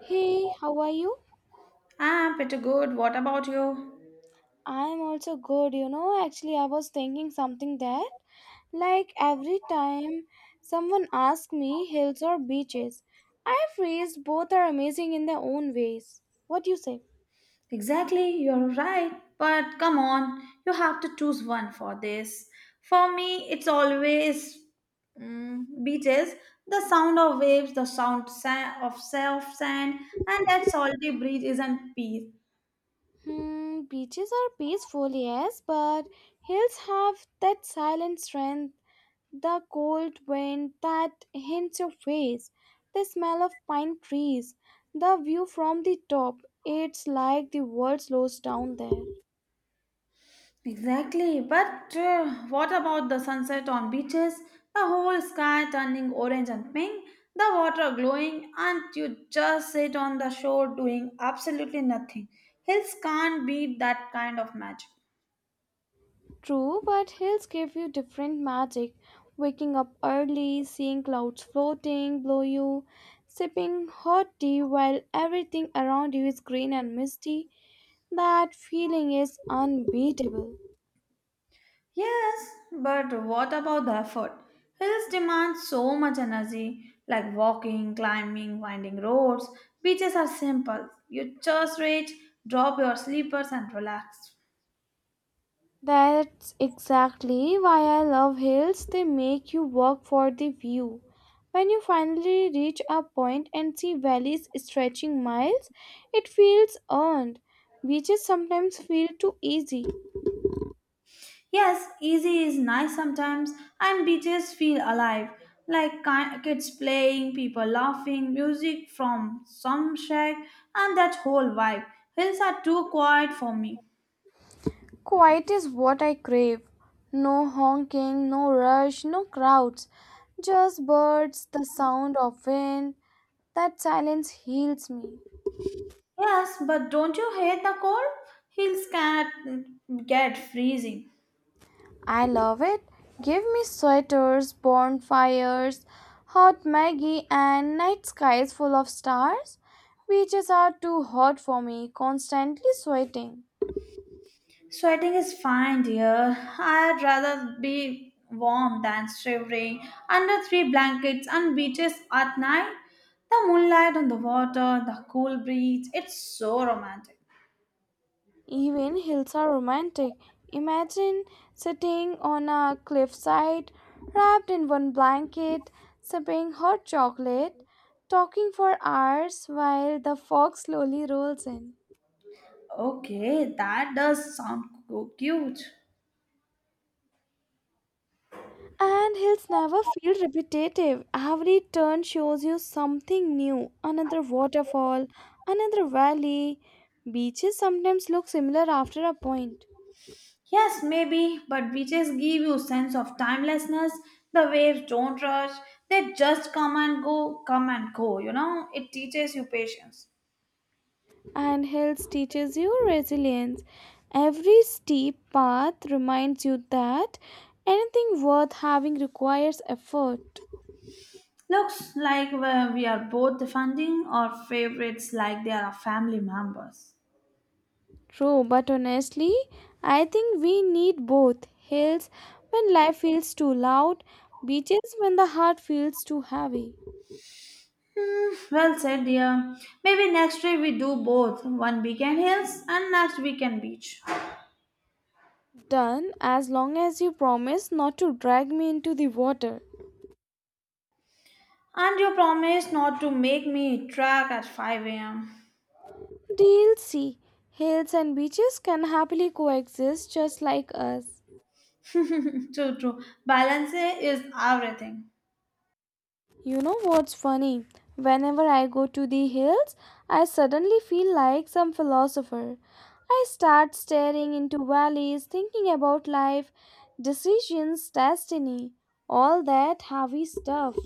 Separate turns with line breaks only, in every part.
Hey, how are you?
I'm pretty good. What about you?
I'm also good. Actually, I was thinking something that, like, every time someone asks me hills or beaches, I freeze. Both are amazing in their own ways. What do you say?
Exactly, you're right. But come on, you have to choose one for this. For me, it's always beaches, the sound of waves, the sound sa- of surf sand, and that salty breeze is in peace.
Beaches are peaceful, yes, but hills have that silent strength, the cold wind that hints your face, the smell of pine trees, the view from the top. It's like the world slows down there.
Exactly, but what about the sunset on beaches? The whole sky turning orange and pink, the water glowing, and you just sit on the shore doing absolutely nothing. Hills can't beat that kind of magic.
True, but hills give you different magic. Waking up early, seeing clouds floating below you, sipping hot tea while everything around you is green and misty. That feeling is unbeatable.
Yes, but what about the effort? Hills demand so much energy, like walking, climbing, winding roads. Beaches are simple. You just reach, drop your sleepers, and relax.
That's exactly why I love hills. They make you work for the view. When you finally reach a point and see valleys stretching miles, it feels earned. Beaches sometimes feel too easy.
Yes, easy is nice sometimes, and beaches feel alive, like kids playing, people laughing, music from some shack, and that whole vibe. Hills are too quiet for me.
Quiet is what I crave. No honking, no rush, no crowds. Just birds, the sound of wind. That silence heals me.
Yes, but don't you hate the cold? Hills can get freezing.
I love it. Give me sweaters, bonfires, hot Maggie, and night skies full of stars. Beaches are too hot for me, constantly sweating.
Sweating is fine, dear. I'd rather be warm than shivering under three blankets and beaches at night. The moonlight on the water, the cool breeze, it's so romantic.
Even hills are romantic. Imagine sitting on a cliffside, wrapped in one blanket, sipping hot chocolate, talking for hours while the fog slowly rolls in.
Okay, that does sound cute.
And hills never feel repetitive. Every turn shows you something new another waterfall, another valley. Beaches sometimes look similar after a point.
Yes, maybe, but beaches give you sense of timelessness. The waves don't rush. They just come and go, you know? It teaches you patience.
And hills teaches you resilience. Every steep path reminds you that anything worth having requires effort.
Looks like we are both defending our favorites like they are our family members.
True, but honestly, I think we need both hills when life feels too loud, beaches when the heart feels too heavy.
Hmm, well said, dear. Maybe next week we do both, one weekend hills and next weekend beach.
Done as long as you promise not to drag me into the water.
And you promise not to make me track at 5 a.m.
Deal C. Hills and beaches can happily coexist just like us.
True, true. Balance is everything.
You know what's funny? Whenever I go to the hills, I suddenly feel like some philosopher. I start staring into valleys, thinking about life, decisions, destiny, all that heavy stuff.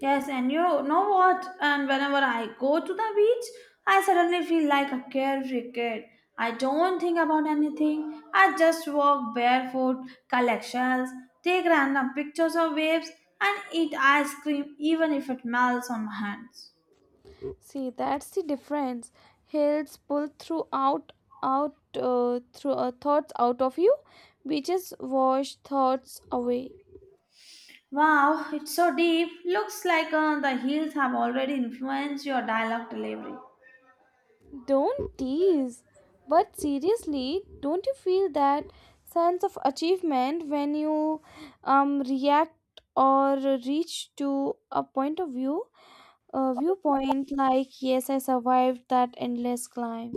Yes, and you know what? And whenever I go to the beach, I suddenly feel like a carefree kid. I don't think about anything. I just walk barefoot, collect shells, take random pictures of waves, and eat ice cream even if it melts on my hands.
See, that's the difference. Hills pull through out, out, through thoughts out of you, beaches wash thoughts away.
Wow, it's so deep. Looks like the heels have already influenced your dialogue delivery.
Don't tease. But seriously, don't you feel that sense of achievement when you react or reach to a viewpoint like, yes, I survived that endless climb?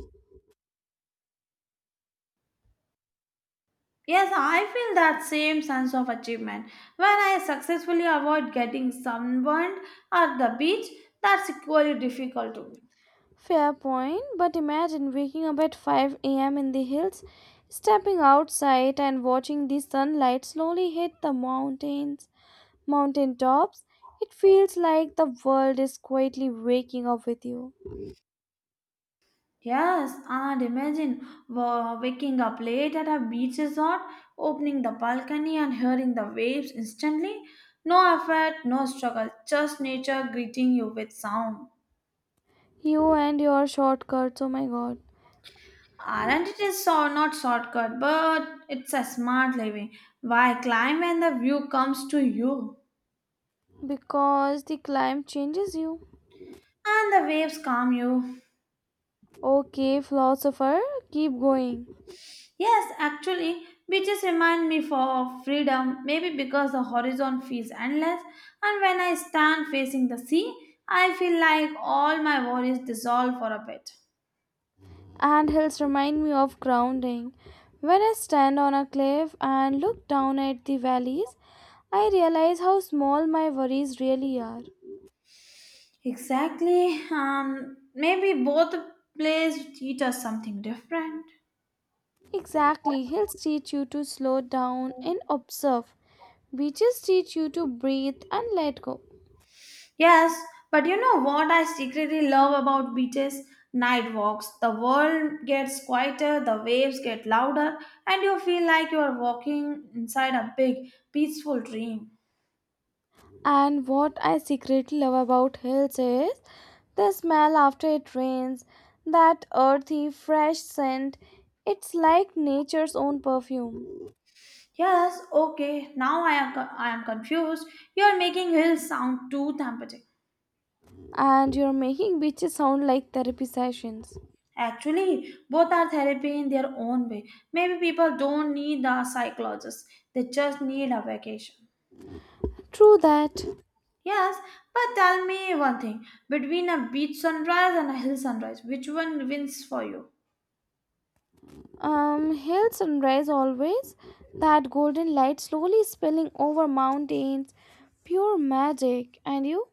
Yes, I feel that same sense of achievement when I successfully avoid getting sunburned at the beach. That's equally difficult to me.
Fair point, but imagine waking up at 5 a.m. in the hills, stepping outside and watching the sunlight slowly hit the mountain tops. It feels like the world is quietly waking up with you.
Yes, and imagine waking up late at a beach resort, opening the balcony and hearing the waves instantly. No effort, no struggle, just nature greeting you with sound.
You and your shortcuts, oh my god.
Aren't it is so not shortcut, but it's a smart living. Why climb when the view comes to you?
Because the climb changes you.
And the waves calm you.
Okay, philosopher, keep going.
Yes, actually, beaches remind me for of freedom, maybe because the horizon feels endless, and when I stand facing the sea, I feel like all my worries dissolve for a bit.
And hills remind me of grounding. When I stand on a cliff and look down at the valleys, I realize how small my worries really are.
Exactly. Maybe both places teach us something different.
Exactly, hills teach you to slow down and observe. Beaches teach you to breathe and let go.
Yes, but you know what I secretly love about beaches? Night walks. The world gets quieter, the waves get louder, and you feel like you are walking inside a big, peaceful dream.
And what I secretly love about hills is the smell after it rains, that earthy, fresh scent. It's like nature's own perfume.
Yes, okay. Now I am confused. You are making hills sound too therapeutic.
And you're making beaches sound like therapy sessions.
Actually, both are therapy in their own way. Maybe people don't need a psychologist. They just need a vacation.
True that.
Yes, but tell me one thing. Between a beach sunrise and a hill sunrise, which one wins for you?
Hill sunrise always, that golden light slowly spilling over mountains. Pure magic. And you?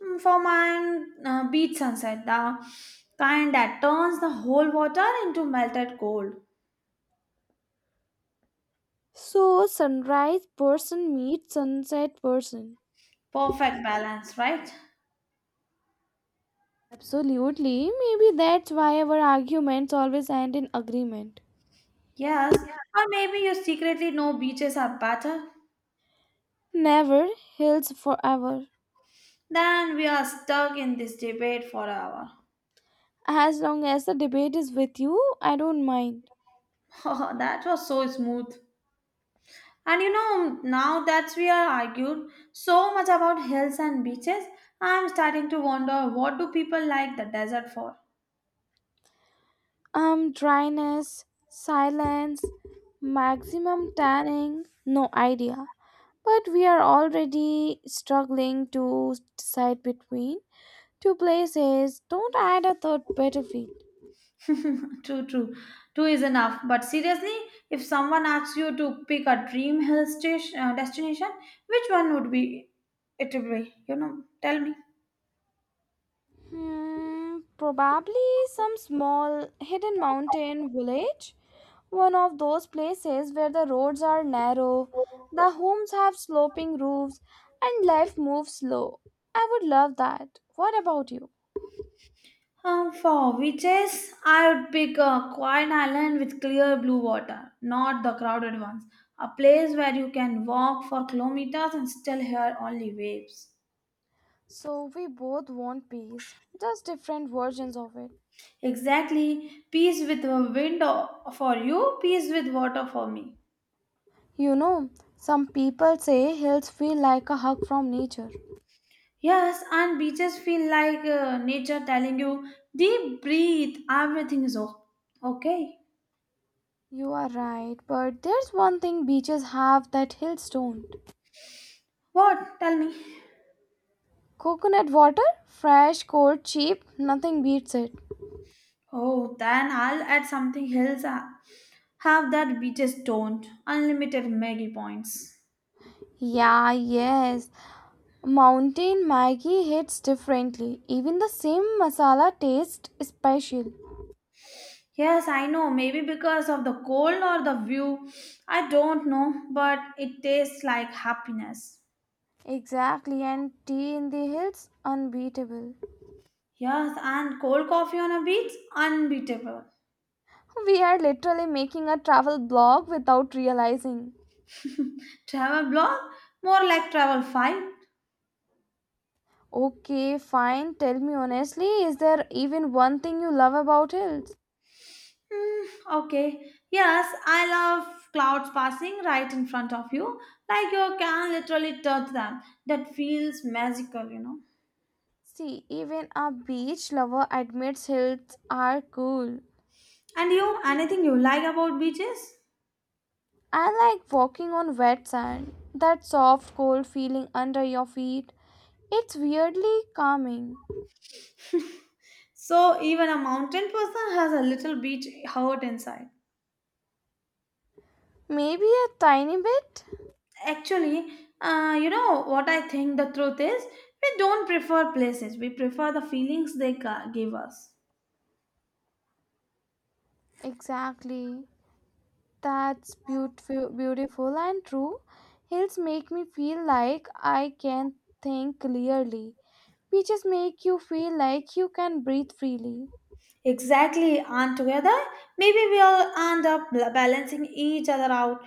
Hmm, for mine, beach sunset, the kind that turns the whole water into melted gold.
So, sunrise person meets sunset person.
Perfect balance, right?
Absolutely. Maybe that's why our arguments always end in agreement.
Yes, or maybe you secretly know beaches are better.
Never heals forever.
Then we are stuck in this debate for an hour.
As long as the debate is with you, I don't mind.
Oh, that was so smooth. And you know, now that we are argued so much about hills and beaches, I'm starting to wonder, what do people like the desert for?
Dryness, silence, maximum tanning, no idea. But we are already struggling to decide between two places. Don't add a third battlefield.
True, true. Two is enough. But seriously, if someone asks you to pick a dream hill station, destination, which one would be it be? You know, tell me.
Probably some small hidden mountain village. One of those places where the roads are narrow, the homes have sloping roofs, and life moves slow. I would love that. What about you?
For witches, I would pick a quiet island with clear blue water, not the crowded ones. A place where you can walk for kilometers and still hear only waves.
So, we both want peace, just different versions of it.
Exactly, peace with a for you, peace with water for me.
You know, some people say hills feel like a hug from nature.
Yes, and beaches feel like nature telling you, deep breathe, everything is okay.
You are right, but there's one thing beaches have that hills don't.
What? Tell me.
Coconut water? Fresh, cold, cheap, nothing beats it.
Oh, then I'll add something else. Have that beaches don't. Unlimited Maggie points.
Yeah, yes. Mountain Maggie hits differently. Even the same masala tastes special.
Yes, I know. Maybe because of the cold or the view. I don't know. But it tastes like happiness.
Exactly, and tea in the hills? Unbeatable.
Yes, and cold coffee on a beach? Unbeatable.
We are literally making a travel blog without realizing.
Travel blog? More like travel five.
Okay, fine. Tell me honestly, is there even one thing you love about hills?
Hmm, okay. Yes, I love clouds passing right in front of you. Like you can literally touch them. That feels magical, you know.
See, even a beach lover admits hills are cool.
And you, anything you like about beaches?
I like walking on wet sand, that soft, cold feeling under your feet. It's weirdly calming.
So even a mountain person has a little beach hurt inside.
Maybe a tiny bit?
Actually, you know what I think the truth is? We don't prefer places. We prefer the feelings they give us.
Exactly. That's beautiful, beautiful and true. Hills make me feel like I can think clearly. Beaches make you feel like you can breathe freely.
Exactly, and together, maybe we'll end up balancing each other out.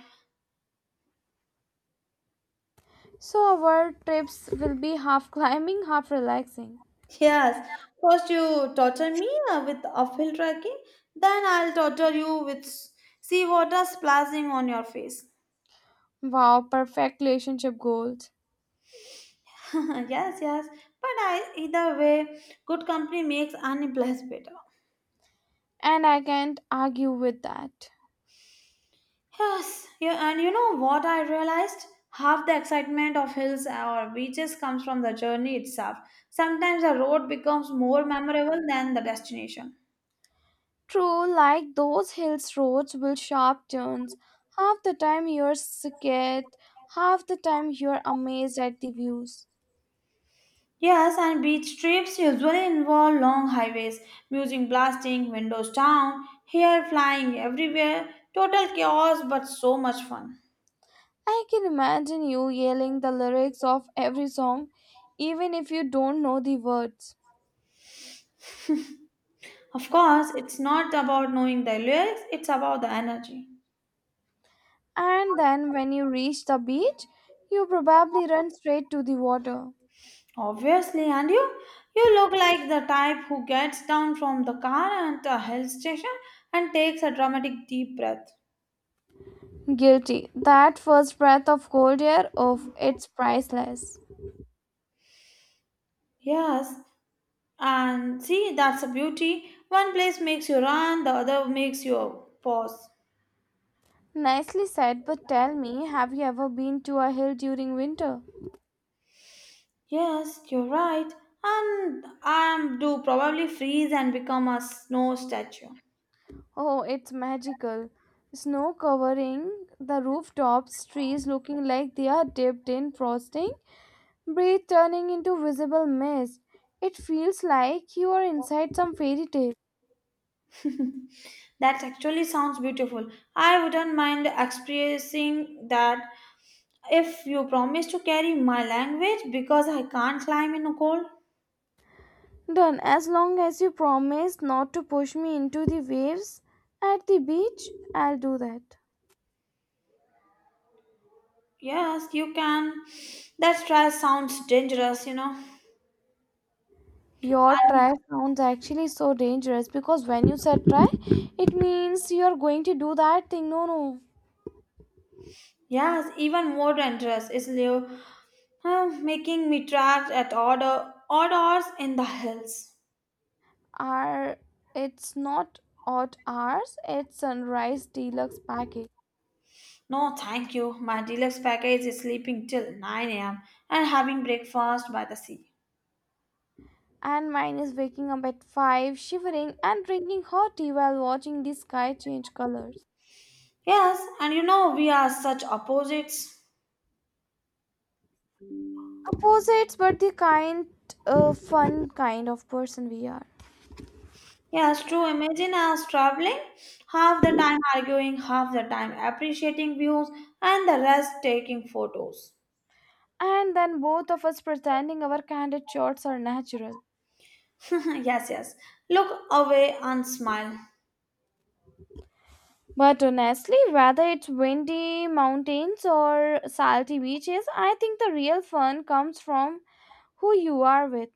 So, our trips will be half climbing, half relaxing.
Yes, first you torture me with uphill trekking, then I'll torture you with seawater splashing on your face.
Wow, perfect relationship goals.
Yes, yes. But I, either way, good company makes any place better.
And I can't argue with that.
Yes, yeah, and you know what I realized? Half the excitement of hills or beaches comes from the journey itself. Sometimes the road becomes more memorable than the destination.
True, like those hills roads will sharp turns. Half the time you're scared, half the time you're amazed at the views.
Yes, and beach trips usually involve long highways, music blasting, windows down, hair flying everywhere, total chaos but so much fun.
I can imagine you yelling the lyrics of every song, even if you don't know the words.
Of course, it's not about knowing the lyrics, it's about the energy.
And then when you reach the beach, you probably run straight to the water.
Obviously, and you look like the type who gets down from the car at a hill station and takes a dramatic deep breath.
Guilty. That first breath of cold air, of it's priceless.
Yes, and see that's the beauty. One place makes you run, the other makes you pause.
Nicely said, but tell me, have you ever been to a hill during winter?
Yes, you're right. And I do probably freeze and become a snow statue.
Oh, it's magical. Snow covering the rooftops, trees looking like they are dipped in frosting, breeze turning into visible mist. It feels like you are inside some fairy tale.
That actually sounds beautiful. I wouldn't mind expressing that if you promise to carry my language because I can't climb in a cold.
Done, as long as you promise not to push me into the waves at the beach, I'll do that.
Yes, you can. That stress sounds dangerous, you know.
Your
And
try sounds actually so dangerous because when you said try, it means you are going to do that thing. No, no.
yes, even more dangerous is Leo making me trapped at order odd hours in the hills.
are It's not odd hours. It's sunrise deluxe package.
No, thank you. My deluxe package is sleeping till 9 a.m. and having breakfast by the sea.
And mine is waking up at 5 shivering and drinking hot tea while watching the sky change colors.
Yes, and you know, we are such opposites.
Opposites but the kind fun kind of person we are.
Yes, true. Imagine us traveling, half the time arguing, half the time appreciating views, and the rest taking photos.
And then both of us pretending our candid shots are natural.
Yes, yes. Look away and smile.
But honestly, whether it's windy mountains or salty beaches, I think the real fun comes from who you are with.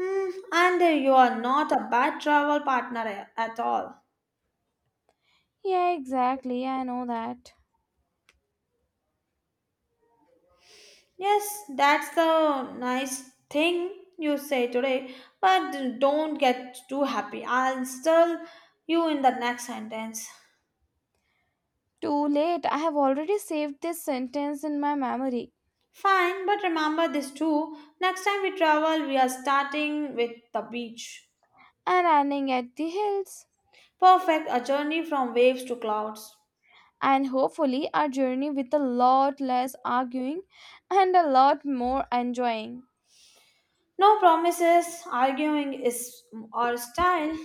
Hmm, and you are not a bad travel partner at all.
Yeah, exactly. I know that.
Yes, that's the nice thing you say today, but don't get too happy. I'll still you in the next sentence.
Too late. I have already saved this sentence in my memory
Fine, but remember this too. Next time we travel, we are starting with the beach.
and running at the hills.
Perfect, a journey from waves to clouds.
And hopefully, our journey with a lot less arguing and a lot more enjoying.
No promises, arguing is our style.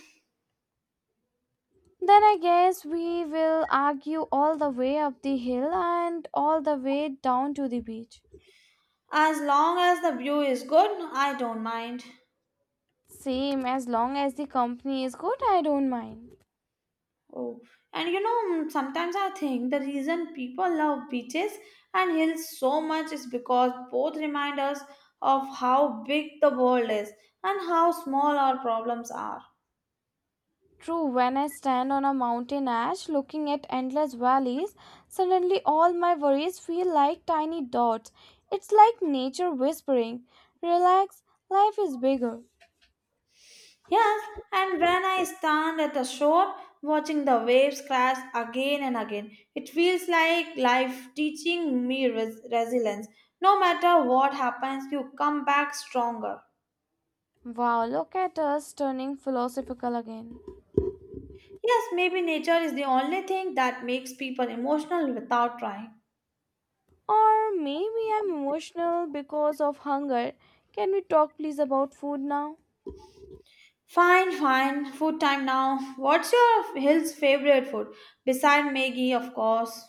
Then I guess we will argue all the way up the hill and all the way down to the beach.
As long as the view is good, I don't mind.
Same, as long as the company is good, I don't mind.
Oh, and you know, sometimes I think the reason people love beaches and hills so much is because both remind us of how big the world is and how small our problems are.
True, when I stand on a mountain ash looking at endless valleys, suddenly all my worries feel like tiny dots. It's like nature whispering, relax, life is bigger.
Yes, and when I stand at the shore watching the waves crash again and again, it feels like life teaching me resilience. No matter what happens, you come back stronger.
Wow, look at us turning philosophical again.
Yes, maybe nature is the only thing that makes people emotional without trying.
Or maybe I'm emotional because of hunger. Can we talk please about food now?
Fine, fine. Food time now. What's your hill's favorite food? Beside Maggie, of course.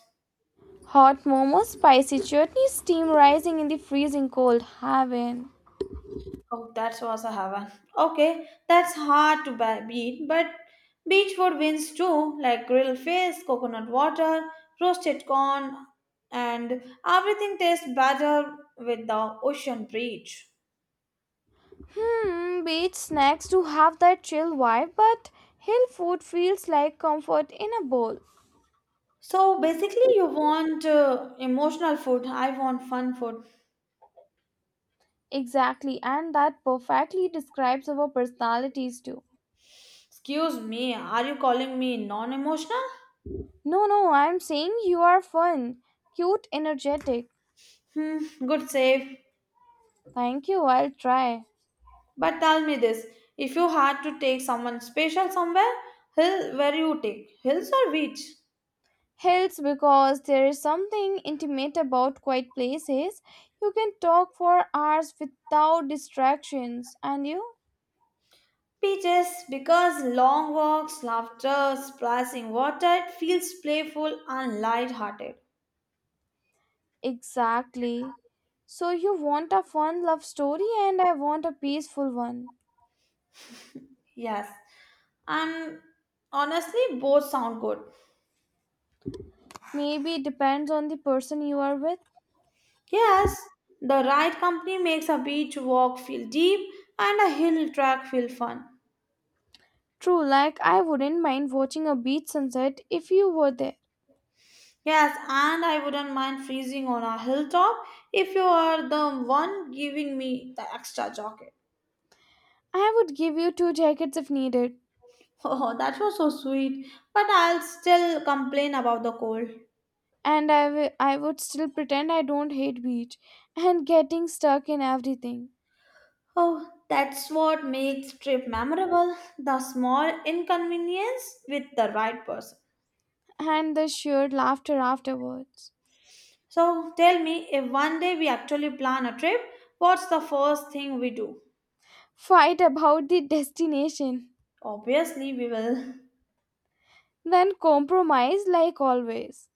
Hot momos, spicy chutney, steam rising in the freezing cold. Heaven.
Oh, that was a heaven. Okay, that's hard to beat, but beach food wins too, like grilled fish, coconut water, roasted corn, and everything tastes better with the ocean breeze.
Beach snacks do have that chill vibe, but hill food feels like comfort in a bowl.
So basically, you want emotional food. I want fun food.
Exactly, and that perfectly describes our personalities too.
Excuse me, are you calling me non-emotional?
No, no, I'm saying you are fun, cute, energetic.
Hmm, good save.
Thank you, I'll try.
But tell me this: if you had to take someone special somewhere, hill, where you take hills or beach?
Hills because there is something intimate about quiet places. You can talk for hours without distractions, and you?
Beaches, because long walks, laughter, splashing water, it feels playful and light-hearted.
Exactly. So, you want a fun love story and I want a peaceful one.
Yes, and honestly, both sound good.
Maybe it depends on the person you are with.
Yes, the right company makes a beach walk feel deep and a hill track feel fun.
True, like I wouldn't mind watching a beach sunset if you were there.
Yes, and I wouldn't mind freezing on a hilltop if you are the one giving me the extra jacket.
I would give you two jackets if needed.
Oh, that was so sweet, but I'll still complain about the cold.
And I would still pretend I don't hate beach and getting stuck in everything.
Oh, that's what makes trip memorable, the small inconvenience with the right person.
And the shared laughter afterwards.
So tell me, if one day we actually plan a trip, what's the first thing we do?
Fight about the destination.
Obviously, we will.
Then compromise like always.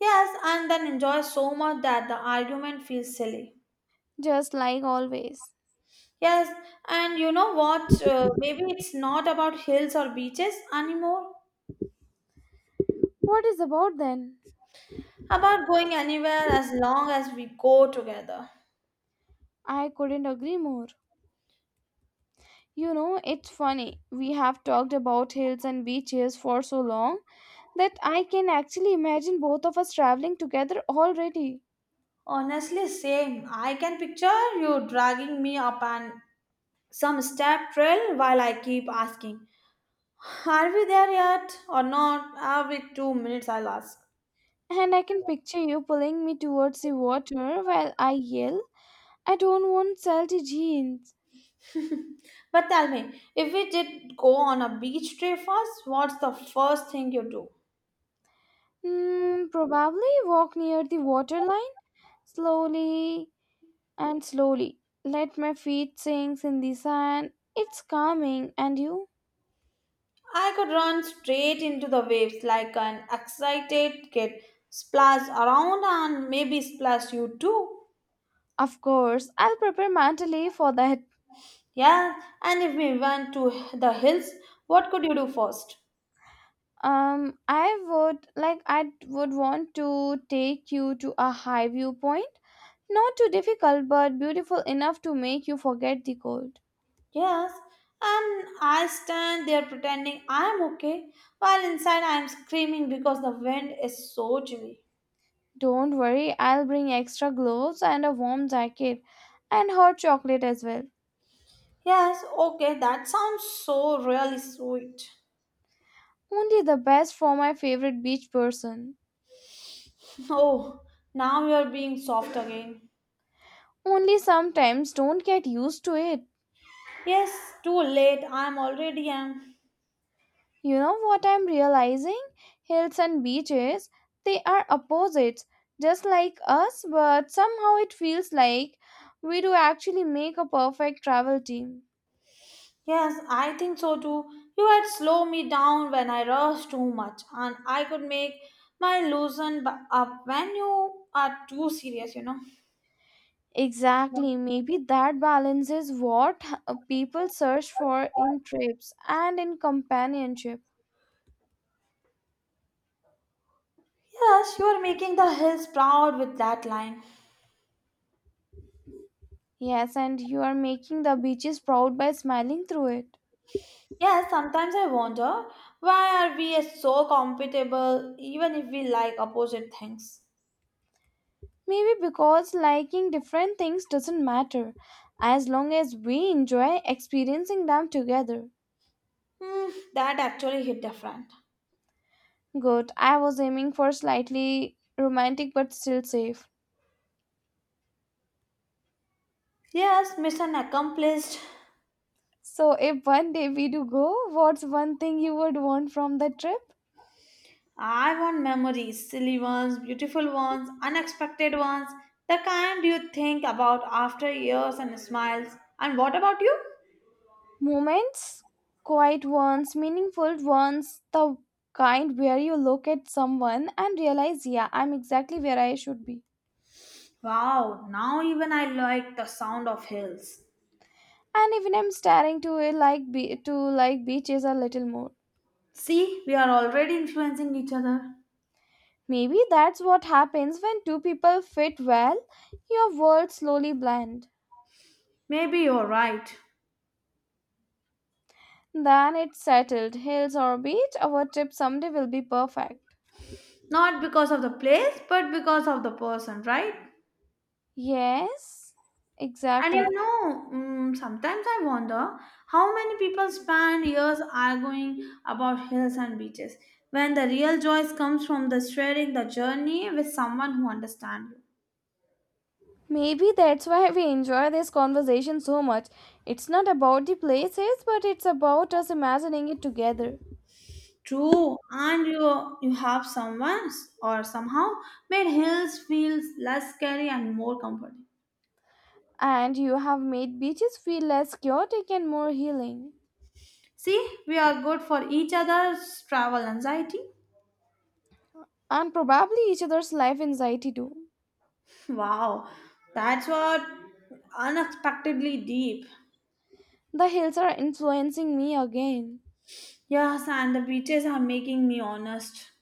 Yes, and then enjoy so much that the argument feels silly.
Just like always.
Yes, and you know what? Maybe it's not about hills or beaches anymore,
What is about then?
about going anywhere as long as we go together.
I couldn't agree more. You know, it's funny. We have talked about hills and beaches for so long that I can actually imagine both of us traveling together already.
Honestly, same. I can picture you dragging me up an some step trail while I keep asking, are we there yet or not? Every 2 minutes I'll ask.
And I can picture you pulling me towards the water while I yell, I don't want salty jeans.
But tell me, if we did go on a beach trip first, what's the first thing you do?
Probably walk near the waterline slowly and slowly. Let my feet sink in the sand. It's calming, and you?
I could run straight into the waves like an excited kid, splash around and maybe splash you too.
Of course, I'll prepare mentally for that.
Yeah, and if we went to the hills, what could you do first?
I would like I would want to take you to a high viewpoint, not too difficult but beautiful enough to make you forget the cold.
Yes, and I stand there pretending I'm okay while inside I'm screaming because the wind is so chilly.
Don't worry, I'll bring extra gloves and a warm jacket and hot chocolate as well.
Yes, okay, that sounds so really sweet.
Only the best for my favorite beach person.
Oh, now you're being soft again.
Only sometimes, don't get used to it.
Yes, too late, I'm already am.
You know what I'm realizing? Hills and beaches, they are opposites, just like us, but somehow it feels like we do actually make a perfect travel team.
Yes, I think so too. You had slowed me down when I rushed too much, and I could make my up when you are too serious, you know.
Exactly, maybe that balance is what people search for in trips and in companionship.
Yes, you are making the hills proud with that line.
Yes, and you are making the beaches proud by smiling through it.
Yes, sometimes I wonder why are we so compatible even if we like opposite things.
Maybe because liking different things doesn't matter, as long as we enjoy experiencing them together.
Hmm, that actually hit different.
Good. I was aiming for slightly romantic but still safe.
Yes, mission accomplished.
So, if one day we do go, what's one thing you would want from the trip?
I want memories, silly ones, beautiful ones, unexpected ones, the kind you think about after years and smiles. And what about you?
Moments, quiet ones, meaningful ones, the kind where you look at someone and realize, yeah, I'm exactly where I should be.
Wow, now even I like the sound of hills.
And even I'm staring to like beaches a little more.
See, we are already influencing each other.
Maybe that's what happens when two people fit well. Your world slowly blend.
Maybe you're right.
Then it's settled. Hills or beach, our trip someday will be perfect.
Not because of the place, but because of the person, right?
Yes,
And
exactly.
sometimes I wonder how many people spend years arguing about hills and beaches when the real joy comes from the sharing the journey with someone who understands you.
Maybe that's why we enjoy this conversation so much. It's not about the places, but it's about us imagining it together.
True, and you have someone or somehow made hills feel less scary and more comforting.
And you have made beaches feel less chaotic and more healing.
See, we are good for each other's travel anxiety.
And probably each other's life anxiety too.
Wow, that's what unexpectedly deep.
The hills are influencing me again.
Yes, and the beaches are making me honest.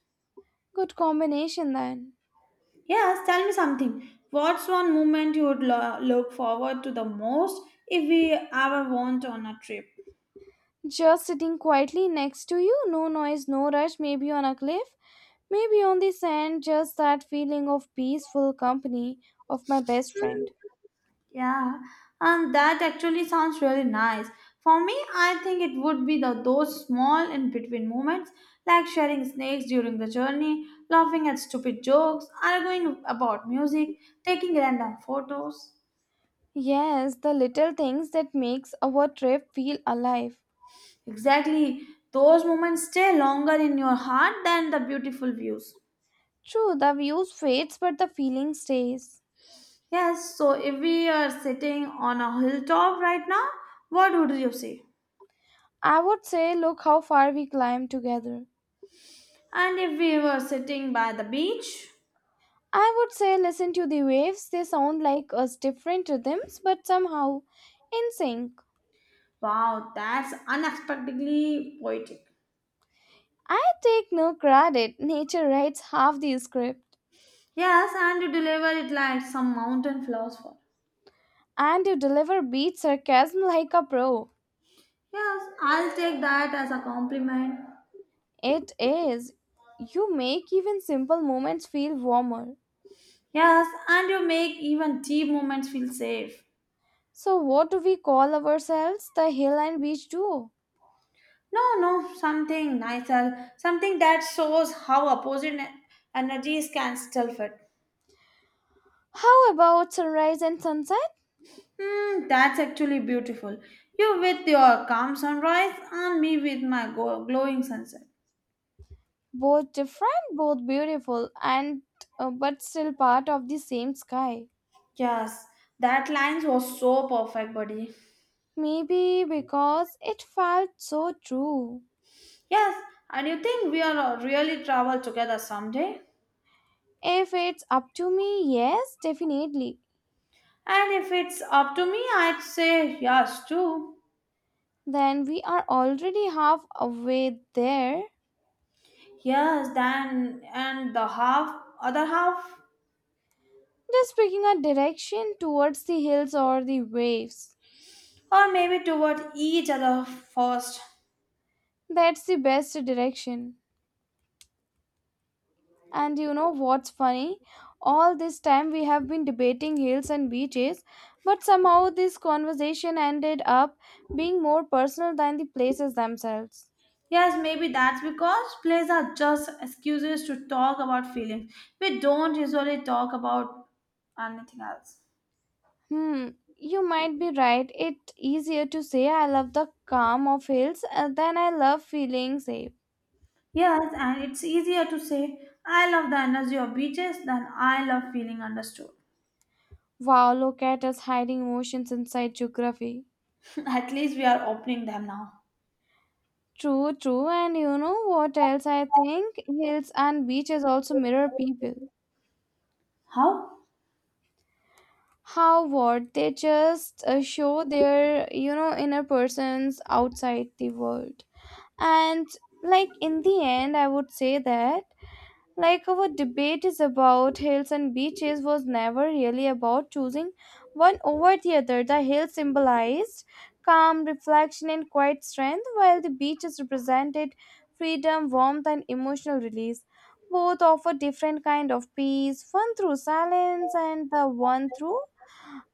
Good combination then.
Yes, tell me something. What's one moment you would look forward to the most if we ever went on a trip?
Just sitting quietly next to you, no noise, no rush, maybe on a cliff, maybe on the sand, just that feeling of peaceful company of my best friend.
Yeah, and that actually sounds really nice. For me, I think it would be the those small in between moments, like sharing snacks during the journey, laughing at stupid jokes, arguing about music, taking random photos.
Yes, the little things that makes our trip feel alive.
Exactly. Those moments stay longer in your heart than the beautiful views.
True, the views fades but the feeling stays.
Yes, so if we are sitting on a hilltop right now, what would you say?
I would say look how far we climbed together.
And if we were sitting by the beach,
I would say listen to the waves, they sound like us, different rhythms but somehow in sync.
wow, that's unexpectedly poetic.
I take no credit, nature writes half the script.
Yes, and you deliver it like some mountain philosopher.
And you deliver beat sarcasm like a pro.
Yes, I'll take that as a compliment.
It is. You make even simple moments feel warmer.
Yes, and you make even deep moments feel safe.
So, what do we call ourselves? The hill and beach duo.
No, no, something nicer, something that shows how opposite energies can still fit.
How about sunrise and sunset?
Hmm, that's actually beautiful. You with your calm sunrise, and me with my glowing sunset.
Both different, both beautiful, and but still part of the same sky.
Yes, that lines was so perfect, buddy.
Maybe because it felt so true.
Yes, and you think we are really travel together someday?
If it's up to me, yes, definitely.
And if it's up to me, I'd say yes too.
Then we are already halfway there.
Yes, then and the half other half
Just picking a direction towards the hills or the waves.
or maybe toward each other first.
That's the best direction. And you know what's funny? All this time we have been debating hills and beaches, but somehow this conversation ended up being more personal than the places themselves.
Yes, maybe that's because plays are just excuses to talk about feelings. We don't usually talk about anything else.
Hmm, you might be right. It's easier to say I love the calm of hills than I love feeling safe.
Yes, and it's easier to say, I love the energy of beaches than I love feeling understood.
Wow, look at us hiding emotions inside geography.
At least we are opening them now.
True, true. And you know what else I think? Hills and beaches also mirror people.
How?
How what? They just show their inner persons outside the world. And like in the end, I would say that like our debate is about hills and beaches was never really about choosing one over the other. The hills symbolized calm, reflection, and quiet strength, while the beaches represented freedom, warmth, and emotional release. Both offer different kind of peace, one through silence and the one through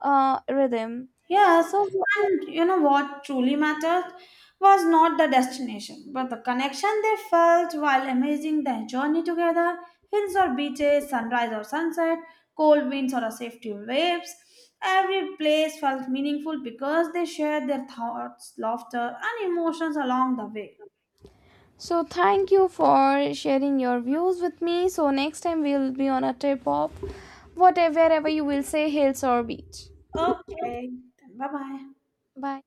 rhythm.
Yes,
So
and you know what truly mattered was not the destination, but the connection they felt while amazing their journey together, hills or beaches, sunrise or sunset, cold winds or a safety waves. Every place felt meaningful because they shared their thoughts, laughter, and emotions along the way.
So thank you for sharing your views with me. So next time we'll be on a trip of whatever wherever you will say hills or beach.
Okay, bye bye.
Bye.